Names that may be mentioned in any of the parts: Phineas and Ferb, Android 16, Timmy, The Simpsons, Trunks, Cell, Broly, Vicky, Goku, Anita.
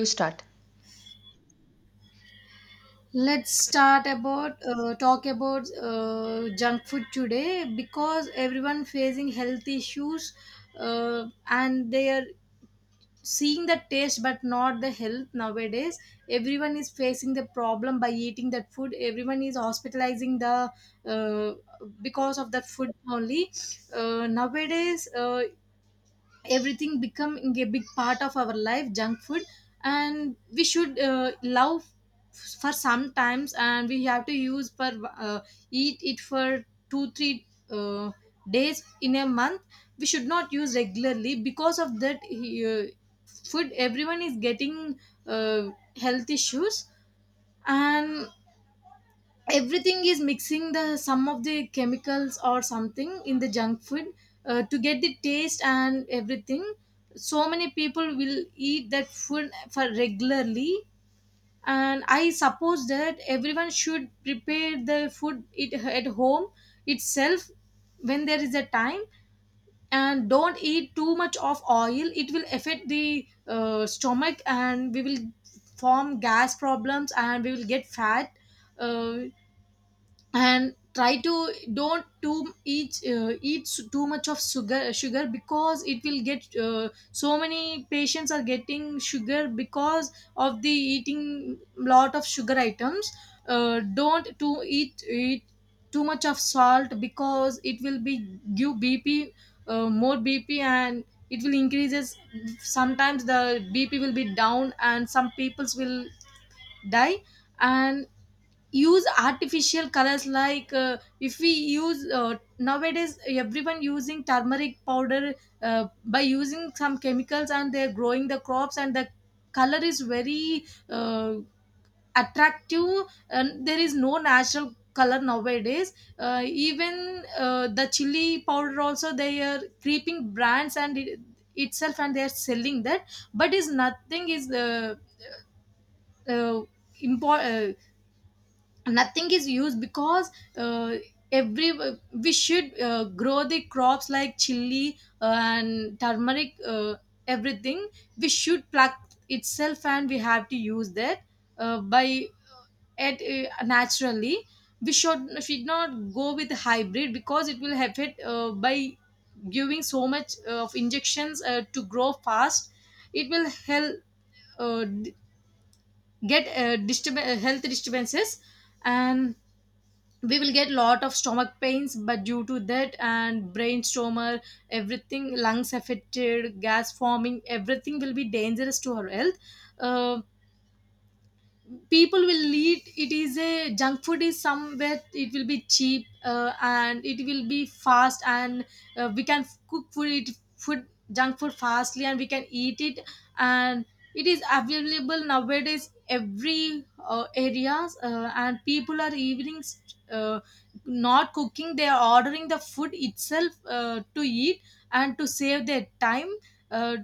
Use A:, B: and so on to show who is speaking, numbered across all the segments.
A: You start.
B: Let's start about talk about junk food today because everyone facing health issues, and they are seeing the taste but not the health nowadays. Everyone is facing the problem by eating that food. Everyone is hospitalizing the because of that food only. Nowadays, everything becoming a big part of our life junk food, and we should love for sometimes and we have to use for uh, eat it for 2 3 days in a month. We should not use regularly because of that food. Everyone is getting uh, health issues, and everything is mixing the some of the chemicals or something in the junk food to get the taste and everything. So many people will eat that food for regularly, and I suppose that everyone should prepare the food it at home itself when there is a time, and don't eat too much of oil. It will affect the stomach and we will form gas problems and we will get fat. Uh, and try to don't too eat eat too much of sugar because it will get, so many patients are getting sugar because of the eating lot of sugar items. Don't too eat too much of salt because it will be give BP, more BP, and it will increases. Sometimes the BP will be down and some peoples will die. And use artificial colors, like if we use, nowadays everyone using turmeric powder by using some chemicals, and they're growing the crops and the color is very attractive and there is no natural color nowadays. Even the chili powder also, they are creeping brands and it, itself, and they are selling that, but is nothing is uh, import, nothing is used because uh, every, we should grow the crops like chili and turmeric, everything we should pluck itself and we have to use that by it naturally. We should not go with hybrid because it will affect by giving so much of injections to grow fast. It will help uh, d- get health disturbances, and we will get lot of stomach pains but due to that, and brain stormer, everything, lungs affected, gas forming, everything will be dangerous to our health. uh, People will eat it is a junk food is somewhere, it will be cheap and it will be fast, and we can cook food it food, junk food fastly, and we can eat it. And it is available nowadays every areas, and people are evening uh, not cooking, they are ordering the food itself to eat and to save their time, uh,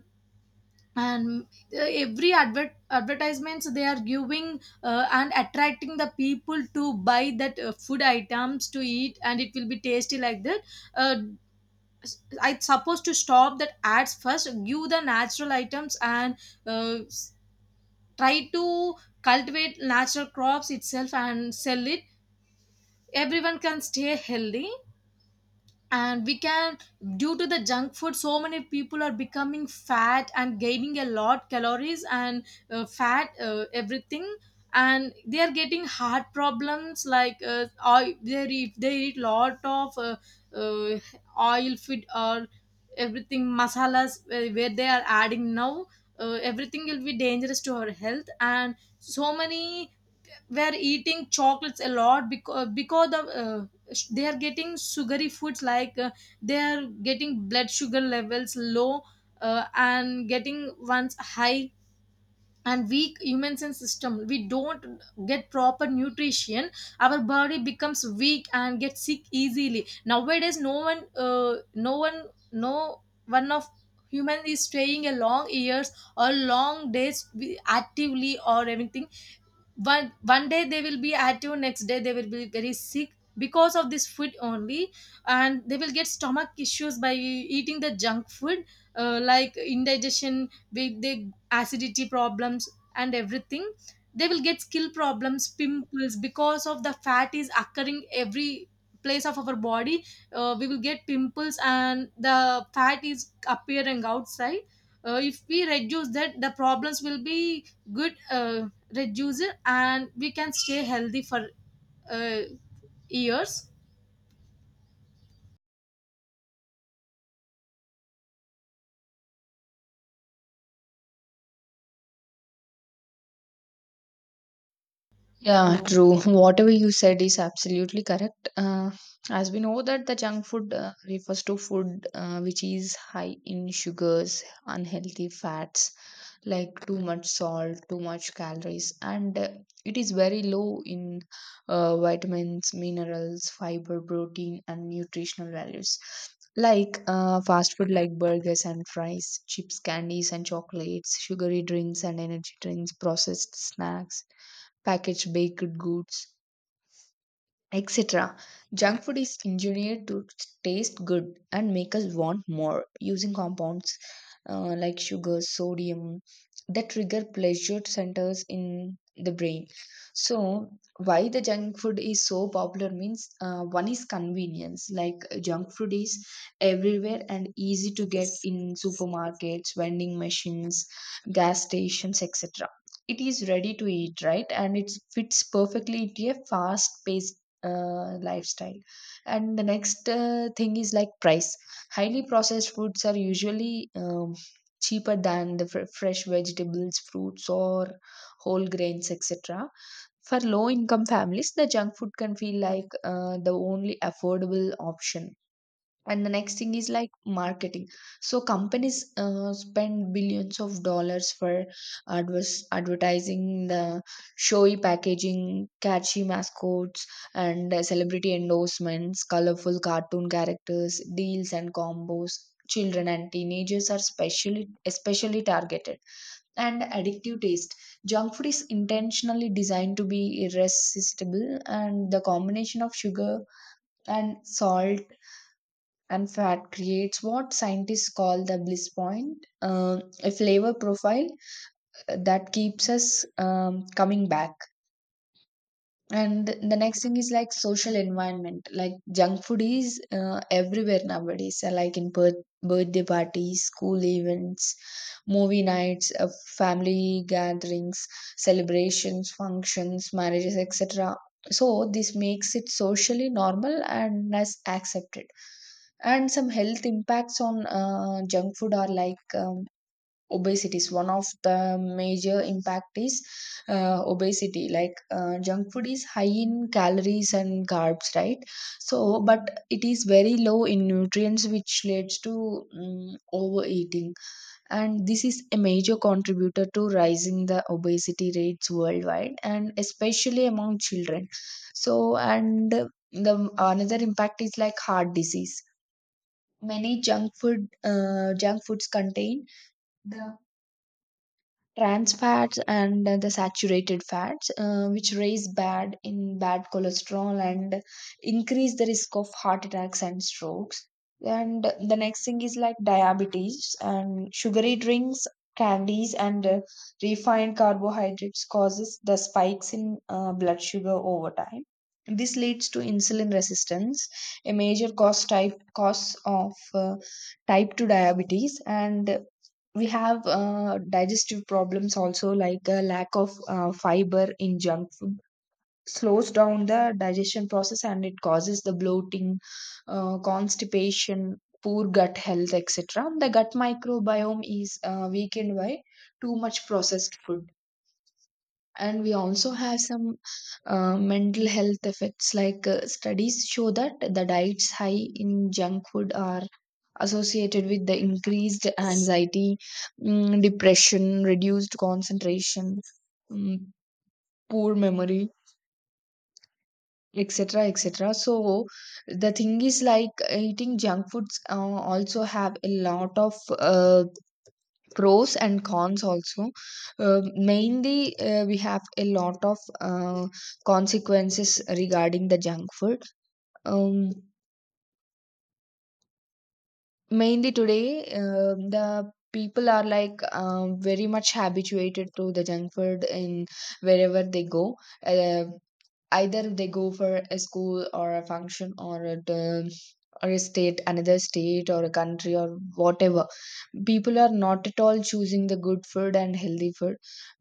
B: and every advertisements they are giving and attracting the people to buy that food items to eat, and it will be tasty like that. uh, I suppose to stop that ads first, give the natural items, and uh, s- try to cultivate natural crops itself and sell it. Everyone can stay healthy, and we can, due to the junk food, so many people are becoming fat and gaining a lot calories and fat, everything, and they are getting heart problems like oil. They if they eat lot of uh, oil food or everything, masalas where they are adding now, everything will be dangerous to our health, and so many were eating chocolates a lot because because they are getting sugary foods, like, they are getting blood sugar levels low and getting ones high, and weak human sense system. We don't get proper nutrition, our body becomes weak and gets sick easily. Nowadays no one of human is staying a long years or long days actively or anything. One one day they will be active, next day they will be very sick because of this food only. And they will get stomach issues by eating the junk food, like indigestion with the acidity problems and everything. They will get skin problems, pimples, because of the fat is occurring every place of our body. We will get pimples and the fat is appearing outside. If we reduce that, the problems will be good, reduce, and we can stay healthy for uh, years.
A: Yeah,
B: Hello.
A: true. Whatever you said is absolutely correct. As we know, that the junk food refers to food which is high in sugars, unhealthy fats, like too much salt, too much calories, and it is very low in vitamins, minerals, fiber, protein, and nutritional values. Like fast food, like burgers and fries, chips, candies, and chocolates, sugary drinks and energy drinks, processed snacks, packaged baked goods, etc. Junk food is engineered to taste good and make us want more, using compounds like sugar, sodium, that trigger pleasure centers in the brain. So, why the junk food is so popular means one is convenience. Like, junk food is everywhere and easy to get in supermarkets, vending machines, gas stations, etc. It is ready to eat, right? And it fits perfectly into a fast paced lifestyle. And the next thing is like price. Highly processed foods are usually cheaper than the fresh vegetables, fruits, or whole grains, etc. For low income families the junk food can feel like the only affordable option. And the next thing is like marketing. So companies spend billions of dollars for advertising, the showy packaging, catchy mascots, and celebrity endorsements, colorful cartoon characters, deals and combos. Children and teenagers are specially especially targeted. And addictive taste: junk food is intentionally designed to be irresistible, and the combination of sugar and salt and fat creates what scientists call the bliss point, a flavor profile that keeps us coming back. And the next thing is like social environment. Like, junk food is everywhere nowadays, like in birthday parties, school events, movie nights, family gatherings, celebrations, functions, marriages, etc. So this makes it socially normal and as accepted. And some health impacts on junk food are like, obesity. Is One of the major impact is obesity. Like, junk food is high in calories and carbs, right? So, but it is very low in nutrients, which leads to overeating. And this is a major contributor to rising the obesity rates worldwide, and especially among children. So, and the another impact is like heart disease. Many junk food junk foods contain the trans fats and the saturated fats, which raise bad in bad cholesterol and increase the risk of heart attacks and strokes. And the next thing is like diabetes. And sugary drinks, candies, and refined carbohydrates causes the spikes in blood sugar over time. This leads to insulin resistance, a major cause of type 2 diabetes. And we have digestive problems also, like a lack of fiber in junk food slows down the digestion process, and it causes the bloating, constipation, poor gut health, etc. The gut microbiome is weakened by too much processed food. And we also have some mental health effects, like studies show that the diets high in junk food are associated with the increased anxiety, depression, reduced concentration, mm, poor memory, etc, etc. So the thing is like eating junk foods also have a lot of uh, pros and cons also. Mainly, we have a lot of consequences regarding the junk food. Um, mainly today, the people are like, very much habituated to the junk food. In wherever they go, uh, either they go for a school or a function or a term or a state, another state, or a country, or whatever, people are not at all choosing the good food and healthy food,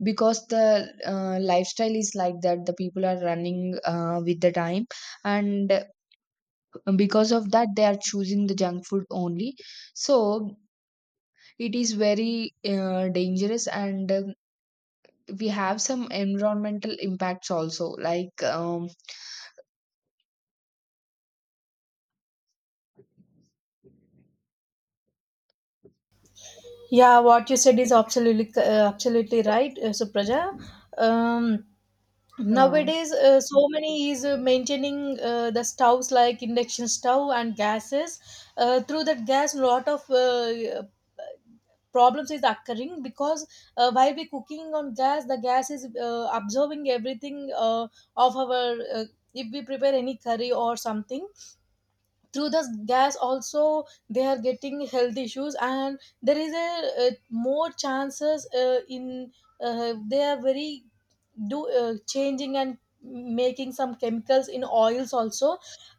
A: because the lifestyle is like that. The people are running with the time, and because of that they are choosing the junk food only. So it is very dangerous. And we have some environmental impacts also, like,
B: Yeah, what you said is absolutely absolutely right, Supraja. Um,
A: uh,
B: Nowadays, so many is maintaining the stoves like induction stove and gases. Through that gas, lot of problems is occurring because while we cooking on gas, the gas is absorbing everything of our uh, if we prepare any curry or something through the gas also, they are getting health issues, and there is a, more chances in they are very do changing and making some chemicals in oils also.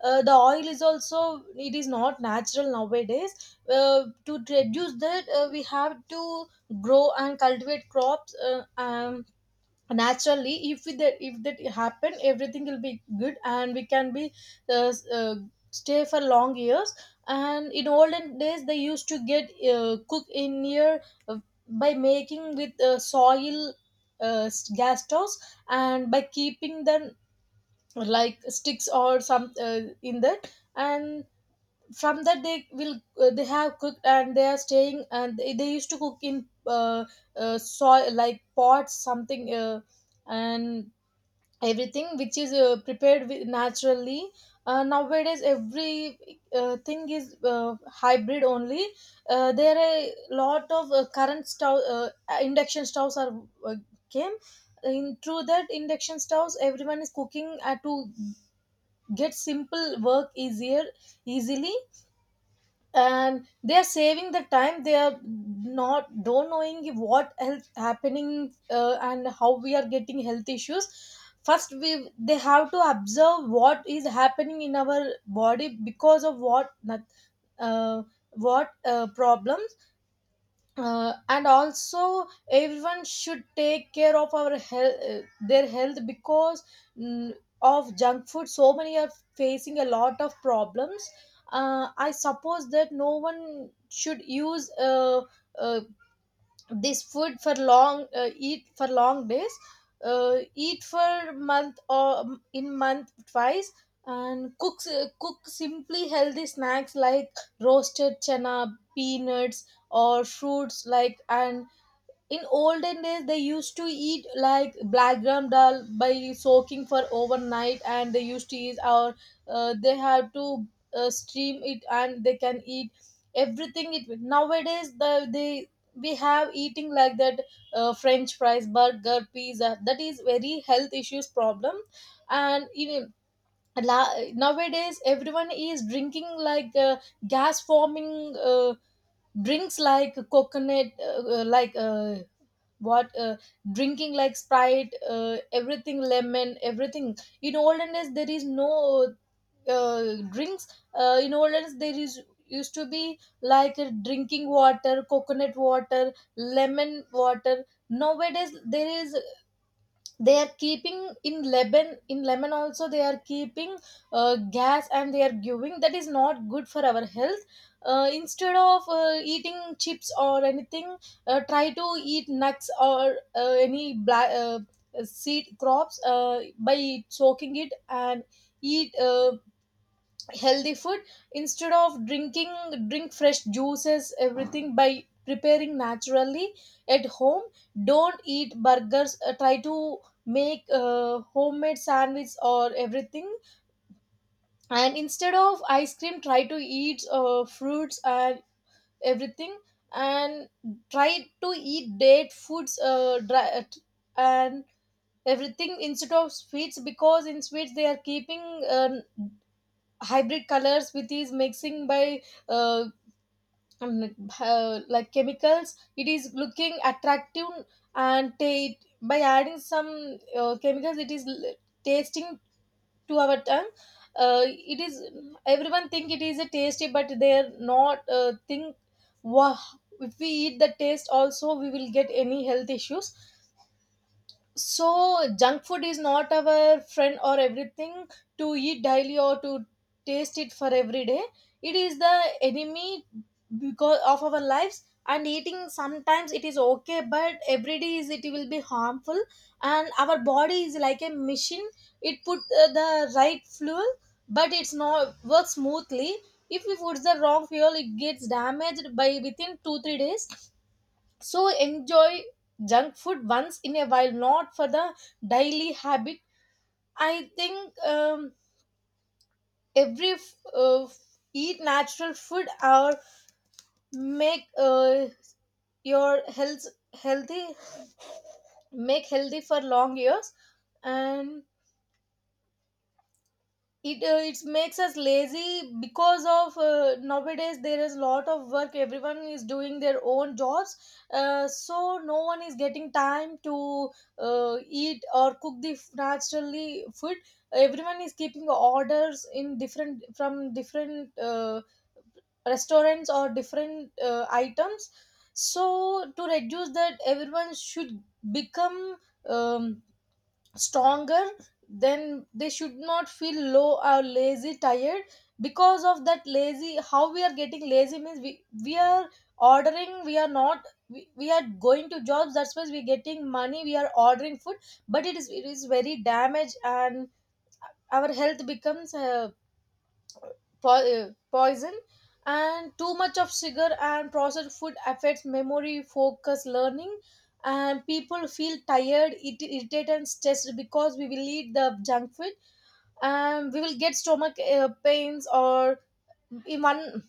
B: The oil is also, it is not natural nowadays. To reduce that, we have to grow and cultivate crops, um, naturally. If that happen, everything will be good, and we can be uh, s- uh, stay for long years. And in olden days they used to get cook in here uh, by making with soil, gas stoves, and by keeping them like sticks or some in that, and from that they will they have cooked and they are staying, and they used to cook in soil like pots something, and everything which is prepared with naturally. Nowadays every thing is hybrid only. There are a lot of current stove, induction stoves are uh, came in. Through that induction stoves, everyone is cooking to get simple work easier, easily, and they are saving the time. They are not don't knowing what health happening, and how we are getting health issues. First we they have to observe what is happening in our body because of what not- uh, what problem, and also everyone should take care of our health, their health because, mm, of junk food, so many are facing a lot of problems. I suppose that no one should use, uh, this food for long, eat for long days, eat for month or in month twice, and cook simply healthy snacks like roasted chana, peanuts, or fruits like. And in olden days they used to eat like black gram dal by soaking for overnight, and they used to eat, or they have to steam it and they can eat everything it with. Nowadays they we have eating like that, french fries, burger, pizza. That is very health issues problem. And even nowadays everyone is drinking like, gas forming uh, drinks like coconut, like what drinking like sprite, everything, lemon, everything. In olden days there is no drinks. In olden days there is used to be like, drinking water, coconut water, lemon water. Nowadays there is, they are keeping in lebanon in lemon also, they are keeping gas, and they are giving, that is not good for our health. Instead of eating chips or anything, try to eat nuts or any black seed crops by soaking it and eat healthy food. Instead of drinking, drink fresh juices everything by preparing naturally at home. Don't eat burgers, try to make homemade sandwich or everything. And instead of ice cream, try to eat fruits and everything. And try to eat date foods, dry, and everything, instead of sweets, because in sweets they are keeping uh, hybrid colors with these mixing by uh, like chemicals, it is looking attractive. and ta- by adding some chemicals, tasting to our tongue. It is, everyone think it is a tasty, but they are not think. Wow, if we eat the taste also, we will get any health issues. So junk food is not our friend or everything to eat daily or to taste it for every day. It is the enemy because of our lives, and eating sometimes it is okay, but every day is it will be harmful. And our body is like a machine, it put the right fuel, but it's not works smoothly. If we put the wrong fuel, it gets damaged by within 2 3 days. So enjoy junk food once in a while, not for the daily habit. I think, every eat natural food or make your health healthy, make healthy for long years. And it it makes us lazy because of, nowadays there is lot of work. Everyone is doing their own jobs. So no one is getting time to eat or cook naturally food. Everyone is keeping orders in different from different restaurants or different items. So to reduce that everyone should become um, stronger. Then they should not feel low or lazy tired. Because of that lazy, how we are getting lazy means we are ordering, we are not, we are going to jobs, that's why we're getting money, we are ordering food. But it is very damage. And our health becomes poison. And too much of sugar and processed food affects memory, focus, learning. And people feel tired, it irritated and stressed because we will eat the junk food. And we will get stomach pains or in one.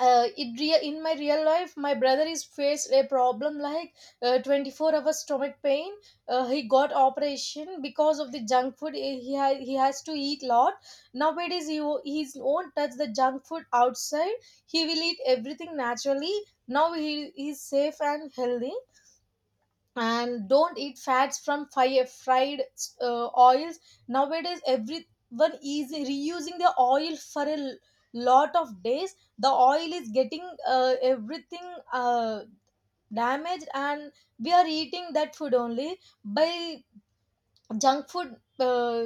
B: In my real life, my brother is faced a problem like 24-hour stomach pain. He got operation because of the junk food. He has to eat lot. Nowadays he won't touch the junk food outside. He will eat everything naturally. Now he is safe and healthy. And don't eat fats from fire, fried oils. Nowadays everyone is reusing the oil for lot of days. The oil is getting everything damaged and we are eating that food only. By junk food.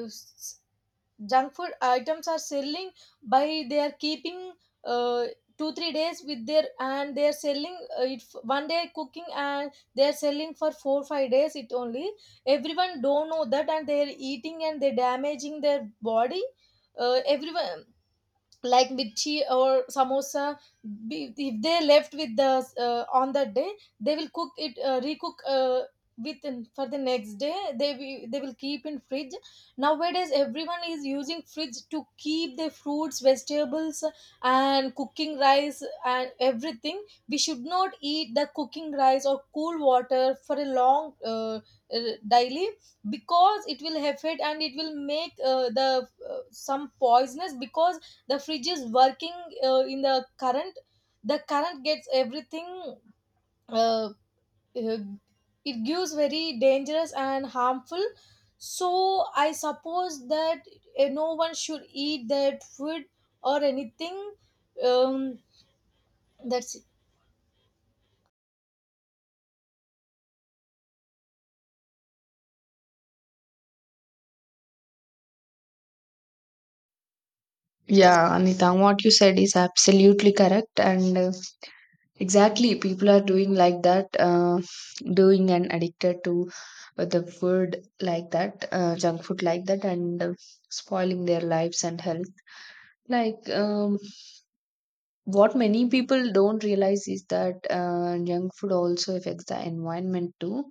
B: Junk food items are selling by they are keeping uh, 2-3 days with their. And they are selling, one day cooking and they are selling for 4-5 days it only. Everyone don't know that and they are eating and they damaging their body. Everyone like mirchi or samosa. If they left with the on that day, they will cook it, recook within for the next day. They will keep in fridge. Nowadays everyone is using fridge to keep the fruits, vegetables and cooking rice and everything. We should not eat the cooking rice or cool water for a long, uh, daily. Because it will affect and it will make the some poisonous. Because the fridge is working in the current. The current gets everything. uh, uh, it gives very dangerous and harmful. So I suppose that no one should eat that food or anything. um, that's it.
A: yeah, Anita, what you said is absolutely correct. And exactly, people are doing like that, doing and addicted to the food like that, junk food like that, and spoiling their lives and health. Like, what many people don't realize is that junk food also affects the environment too.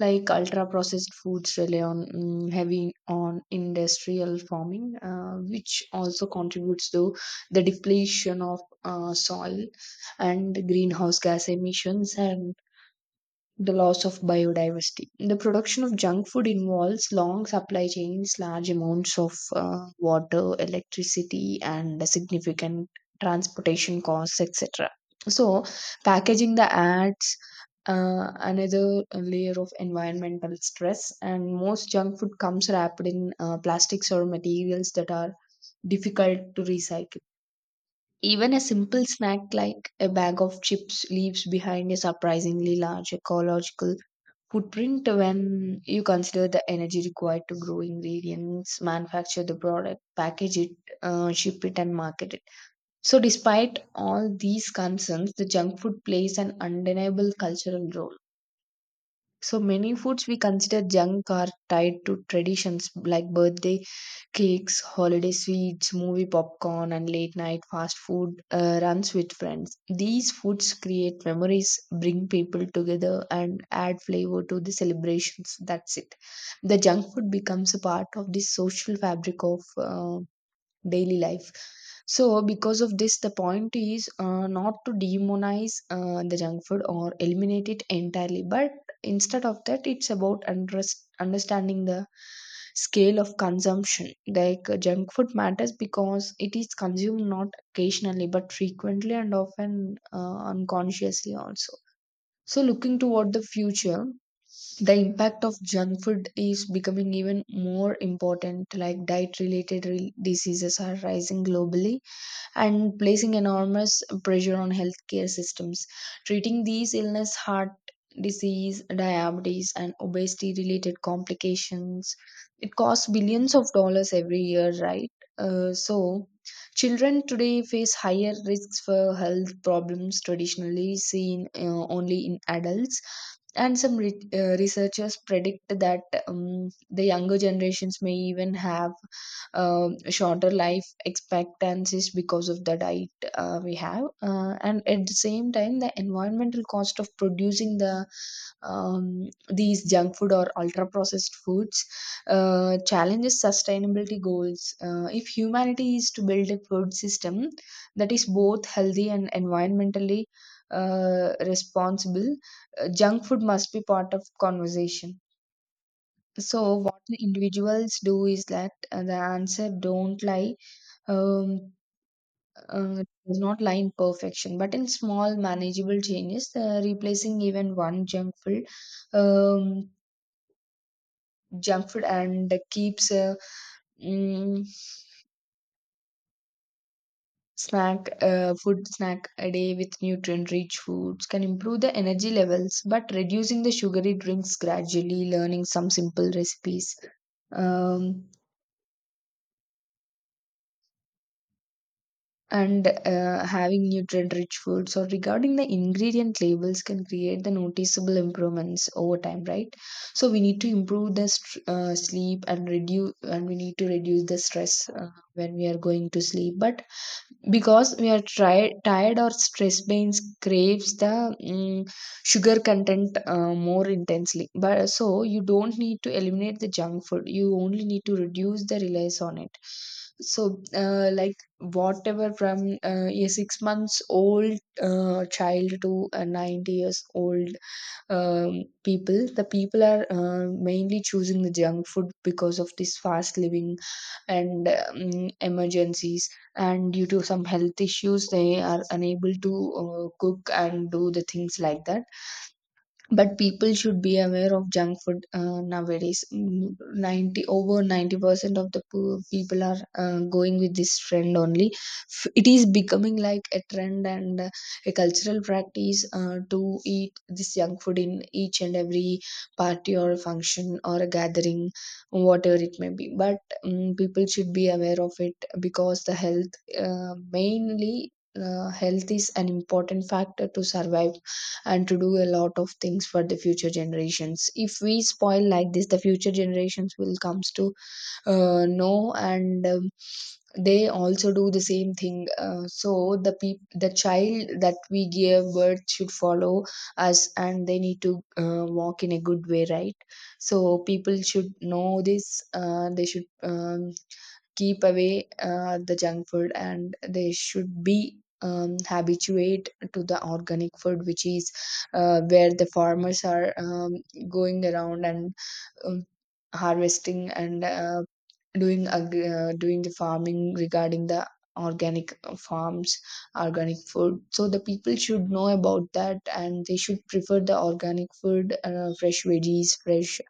A: Like, ultra processed foods rely on, heavy on industrial farming, which also contributes to the depletion of soil, and greenhouse gas emissions, and the loss of biodiversity. The production of junk food involves long supply chains, large amounts of water, electricity, and significant transportation costs, etc. So, packaging the ads, another layer of environmental stress, and most junk food comes wrapped in plastics or materials that are difficult to recycle. Even a simple snack like a bag of chips leaves behind a surprisingly large ecological footprint, when you consider the energy required to grow ingredients, manufacture the product, package it, ship it, and market it. So, despite all these concerns, the junk food plays an undeniable cultural role. So many foods we consider junk are tied to traditions, like birthday cakes, holiday sweets, movie popcorn, and late night fast food runs with friends. These foods create memories, bring people together, and add flavor to the celebrations. That's it. The junk food becomes a part of the social fabric of daily life. So because of this, the point is not to demonize the junk food or eliminate it entirely, but instead of that, it's about understanding the scale of consumption. Like, junk food matters because it is consumed not occasionally but frequently, and often unconsciously also. So looking toward the future, the impact of junk food is becoming even more important. Like, diet related diseases are rising globally and placing enormous pressure on healthcare systems. Treating these illness, heart disease, diabetes, and obesity related complications, it costs billions of dollars every year, right? So, children today face higher risks for health problems traditionally seen only in adults. And some researchers predict that the younger generations may even have shorter life expectancies because of the diet we have. And at the same time, the environmental cost of producing the, these junk food or ultra processed foods, challenges sustainability goals. If humanity is to build a food system that is both healthy and environmentally responsible, junk food must be part of conversation. So what the individuals do is that, the answer don't lie um, does not lie in perfection, but in small manageable changes. Replacing even one junk food. Um, junk food and keeps mm, snack food snack a day with nutrient rich foods can improve the energy levels, but reducing the sugary drinks gradually, learning some simple recipes, um, and having nutrient rich foods, or regarding the ingredient labels, can create the noticeable improvements over time, right? So we need to improve the sleep and reduce and we need to reduce the stress when we are going to sleep. But because we are tired or stress, brains craves the, sugar content more intensely. But so you don't need to eliminate the junk food, you only need to reduce the reliance on it. So like whatever, from a 6 months old child to a 90 years old people, the people are mainly choosing the junk food because of this fast living, and emergencies, and due to some health issues they are unable to cook and do the things like that. But people should be aware of junk food nowadays. Mm, 90, over 90% of the people are going with this trend only. It is becoming like a trend, and a cultural practice to eat this junk food in each and every party or function or a gathering, whatever it may be. But people should be aware of it, because the health mainly health is an important factor to survive and to do a lot of things for the future generations. If we spoil like this, the future generations will comes to know, and they also do the same thing. So the the child that we give birth should follow us, and they need to walk in a good way, right? So people should know this. They should, keep away the junk food, and they should be, habituate to the organic food, which is where the farmers are, going around and, um, harvesting and doing the farming regarding the organic farms, organic food. So the people should know about that, and they should prefer the organic food, fresh veggies, fresh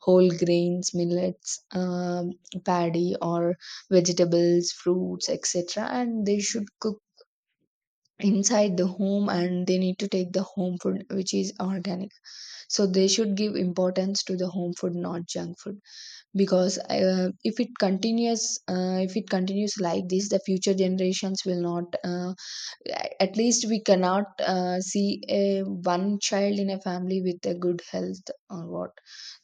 A: whole grains, millets, paddy, or vegetables, fruits, etc. And they should cook inside the home, and they need to take the home food which is organic. So they should give importance to the home food, not junk food. Because if it continues like this, the future generations will not, at least we cannot see a one child in a family with a good health, or what.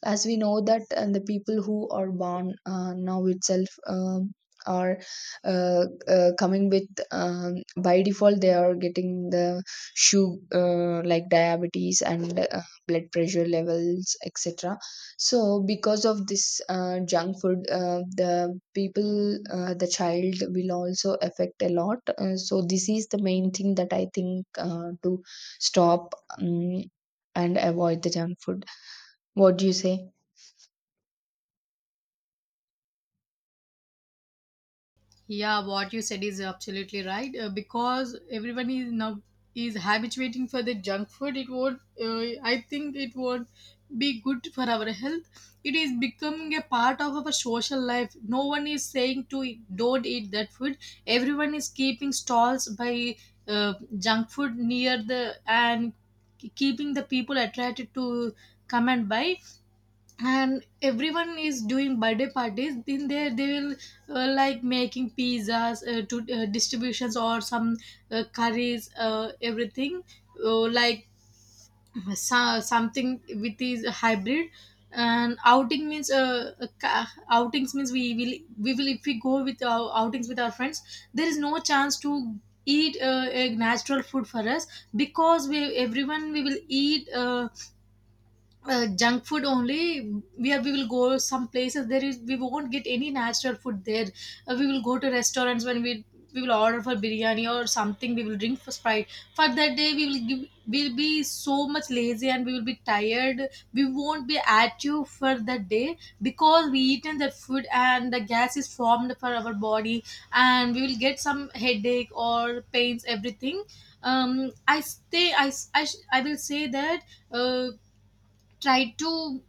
A: As we know that, and the people who are born now itself, are coming with, by default they are getting the shoe, like diabetes, and blood pressure levels, etc. So, because of this junk food, the people, the child will also affect a lot. So, this is the main thing that I think, to stop um, and avoid the junk food. What do you say?
B: Yeah, what you said is absolutely right. Because everyone is now is habituating for the junk food. It would, I think, it would be good for our health. It is becoming a part of our social life. No one is saying to don't eat that food. Everyone is keeping stalls by uh, junk food near the. And keeping the people attracted to come and buy. And everyone is doing birthday parties. In there they will, like, making pizzas to distributions or some curries, everything like. So, something with this hybrid. And outing means, outings means, we will, if we go with our outings with our friends, there is no chance to eat a natural food for us. Because we everyone we will eat junk food only. We will go some places, there is we won't get any natural food there. We will go to restaurants. When we will order for biryani or something. We will drink for sprite. For that day we will give, we'll be so much lazy and we will be tired. We won't be active for that day because we eaten that food and the gas is formed for our body. And we will get some headache or pains, everything. I stay I s- I, sh- I will say that. uh, Try to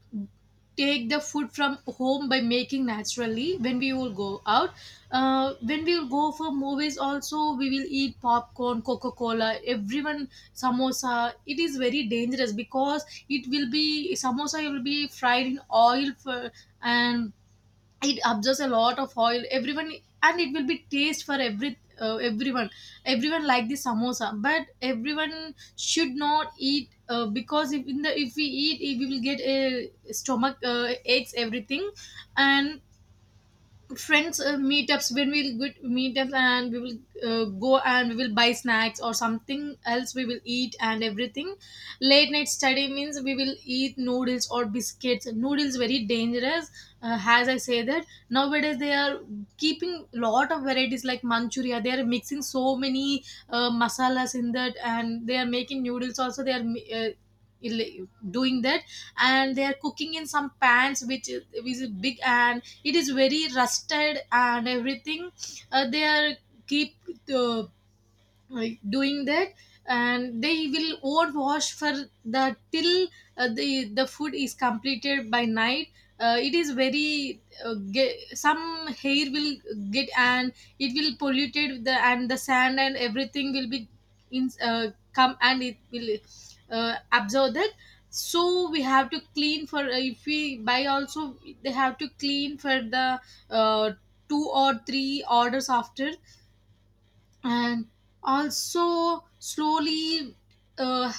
B: take the food from home by making naturally when we will go out. When we will go for movies also, we will eat popcorn, coca-cola, everyone, samosa. It is very dangerous because it will be samosa will be fried in oil for, and it absorbs a lot of oil, everyone. And it will be taste for every everyone. Everyone like the samosa. But everyone should not eat because if in the if we eat, we will get a stomach aches, everything. And friends, meetups, when we'll get meetups, and we will go and we will buy snacks or something else we will eat and everything. Late night study means we will eat noodles or biscuits. Noodles very dangerous. As I say that nowadays they are keeping lot of varieties like manchuria. They are mixing so many masalas in that. And they are making noodles also. They are doing that. And they are cooking in some pans which is big and it is very rusted and everything. They are keep, uh, like doing that. And they will overwash for the till the food is completed by night. It is very, some hair will get and it will polluted the, and the sand and everything will be in, come and it will absorb that. So we have to clean for, if we buy also. They have to clean for the uh, two or three orders after. And also slowly uh,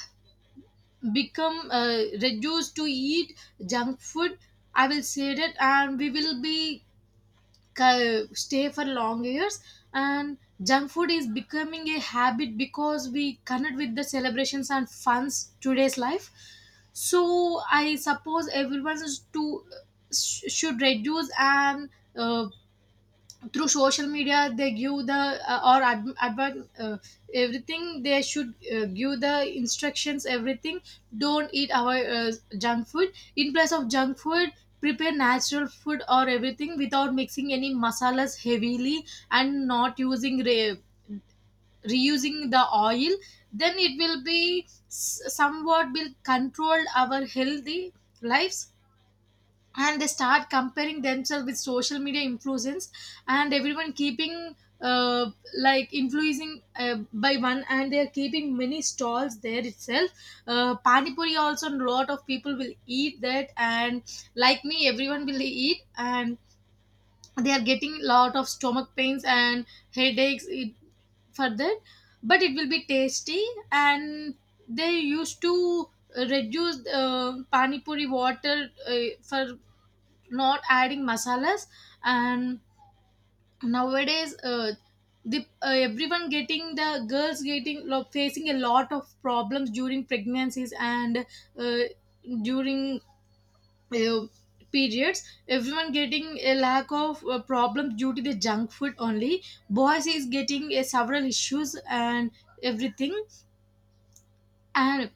B: become reduced to eat junk food, I will say that. And we will be stay for long years. And junk food is becoming a habit because we connect with the celebrations and funs today's life. So I suppose everyone is to should reduce. And uh, through social media they give the, or everything they should give the instructions, everything. Don't eat our junk food. In place of junk food, prepare natural food or everything without mixing any masalas heavily. And not using reusing the oil. Then it will be somewhat will control our healthy lives. And they start comparing themselves with social media influencers. And everyone keeping, uh, like influencing by one. And they are keeping many stalls there itself. Pani puri also a lot of people will eat that. And like me everyone will eat. And they are getting lot of stomach pains and headaches, for that. But it will be tasty. And they used to reduce pani puri water for not adding masalas. And nowadays the everyone getting, the girls getting facing a lot of problems during pregnancies and uh, during uh, periods. Everyone getting a lack of problems due to the junk food only. Boys is getting several issues and everything. And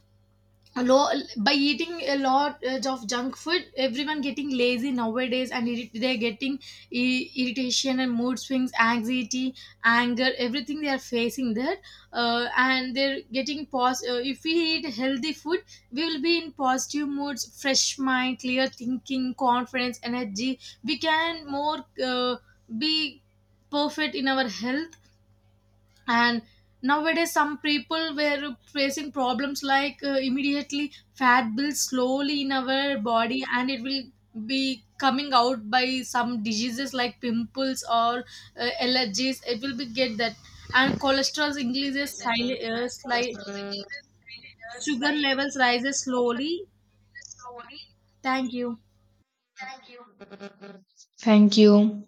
B: a lo- by eating a lot of junk food, everyone getting lazy nowadays and they're getting irritation and mood swings, anxiety, anger, everything they are facing there. And they're getting if we eat healthy food, we will be in positive moods, fresh mind, clear thinking, confidence, energy. We can more be perfect in our health. And nowadays some people were facing problems like, immediately fat builds slowly in our body and it will be coming out by some diseases like pimples or allergies, it will be get that. And cholesterol increases, sugar levels rises slowly. Thank you.
A: Thank you.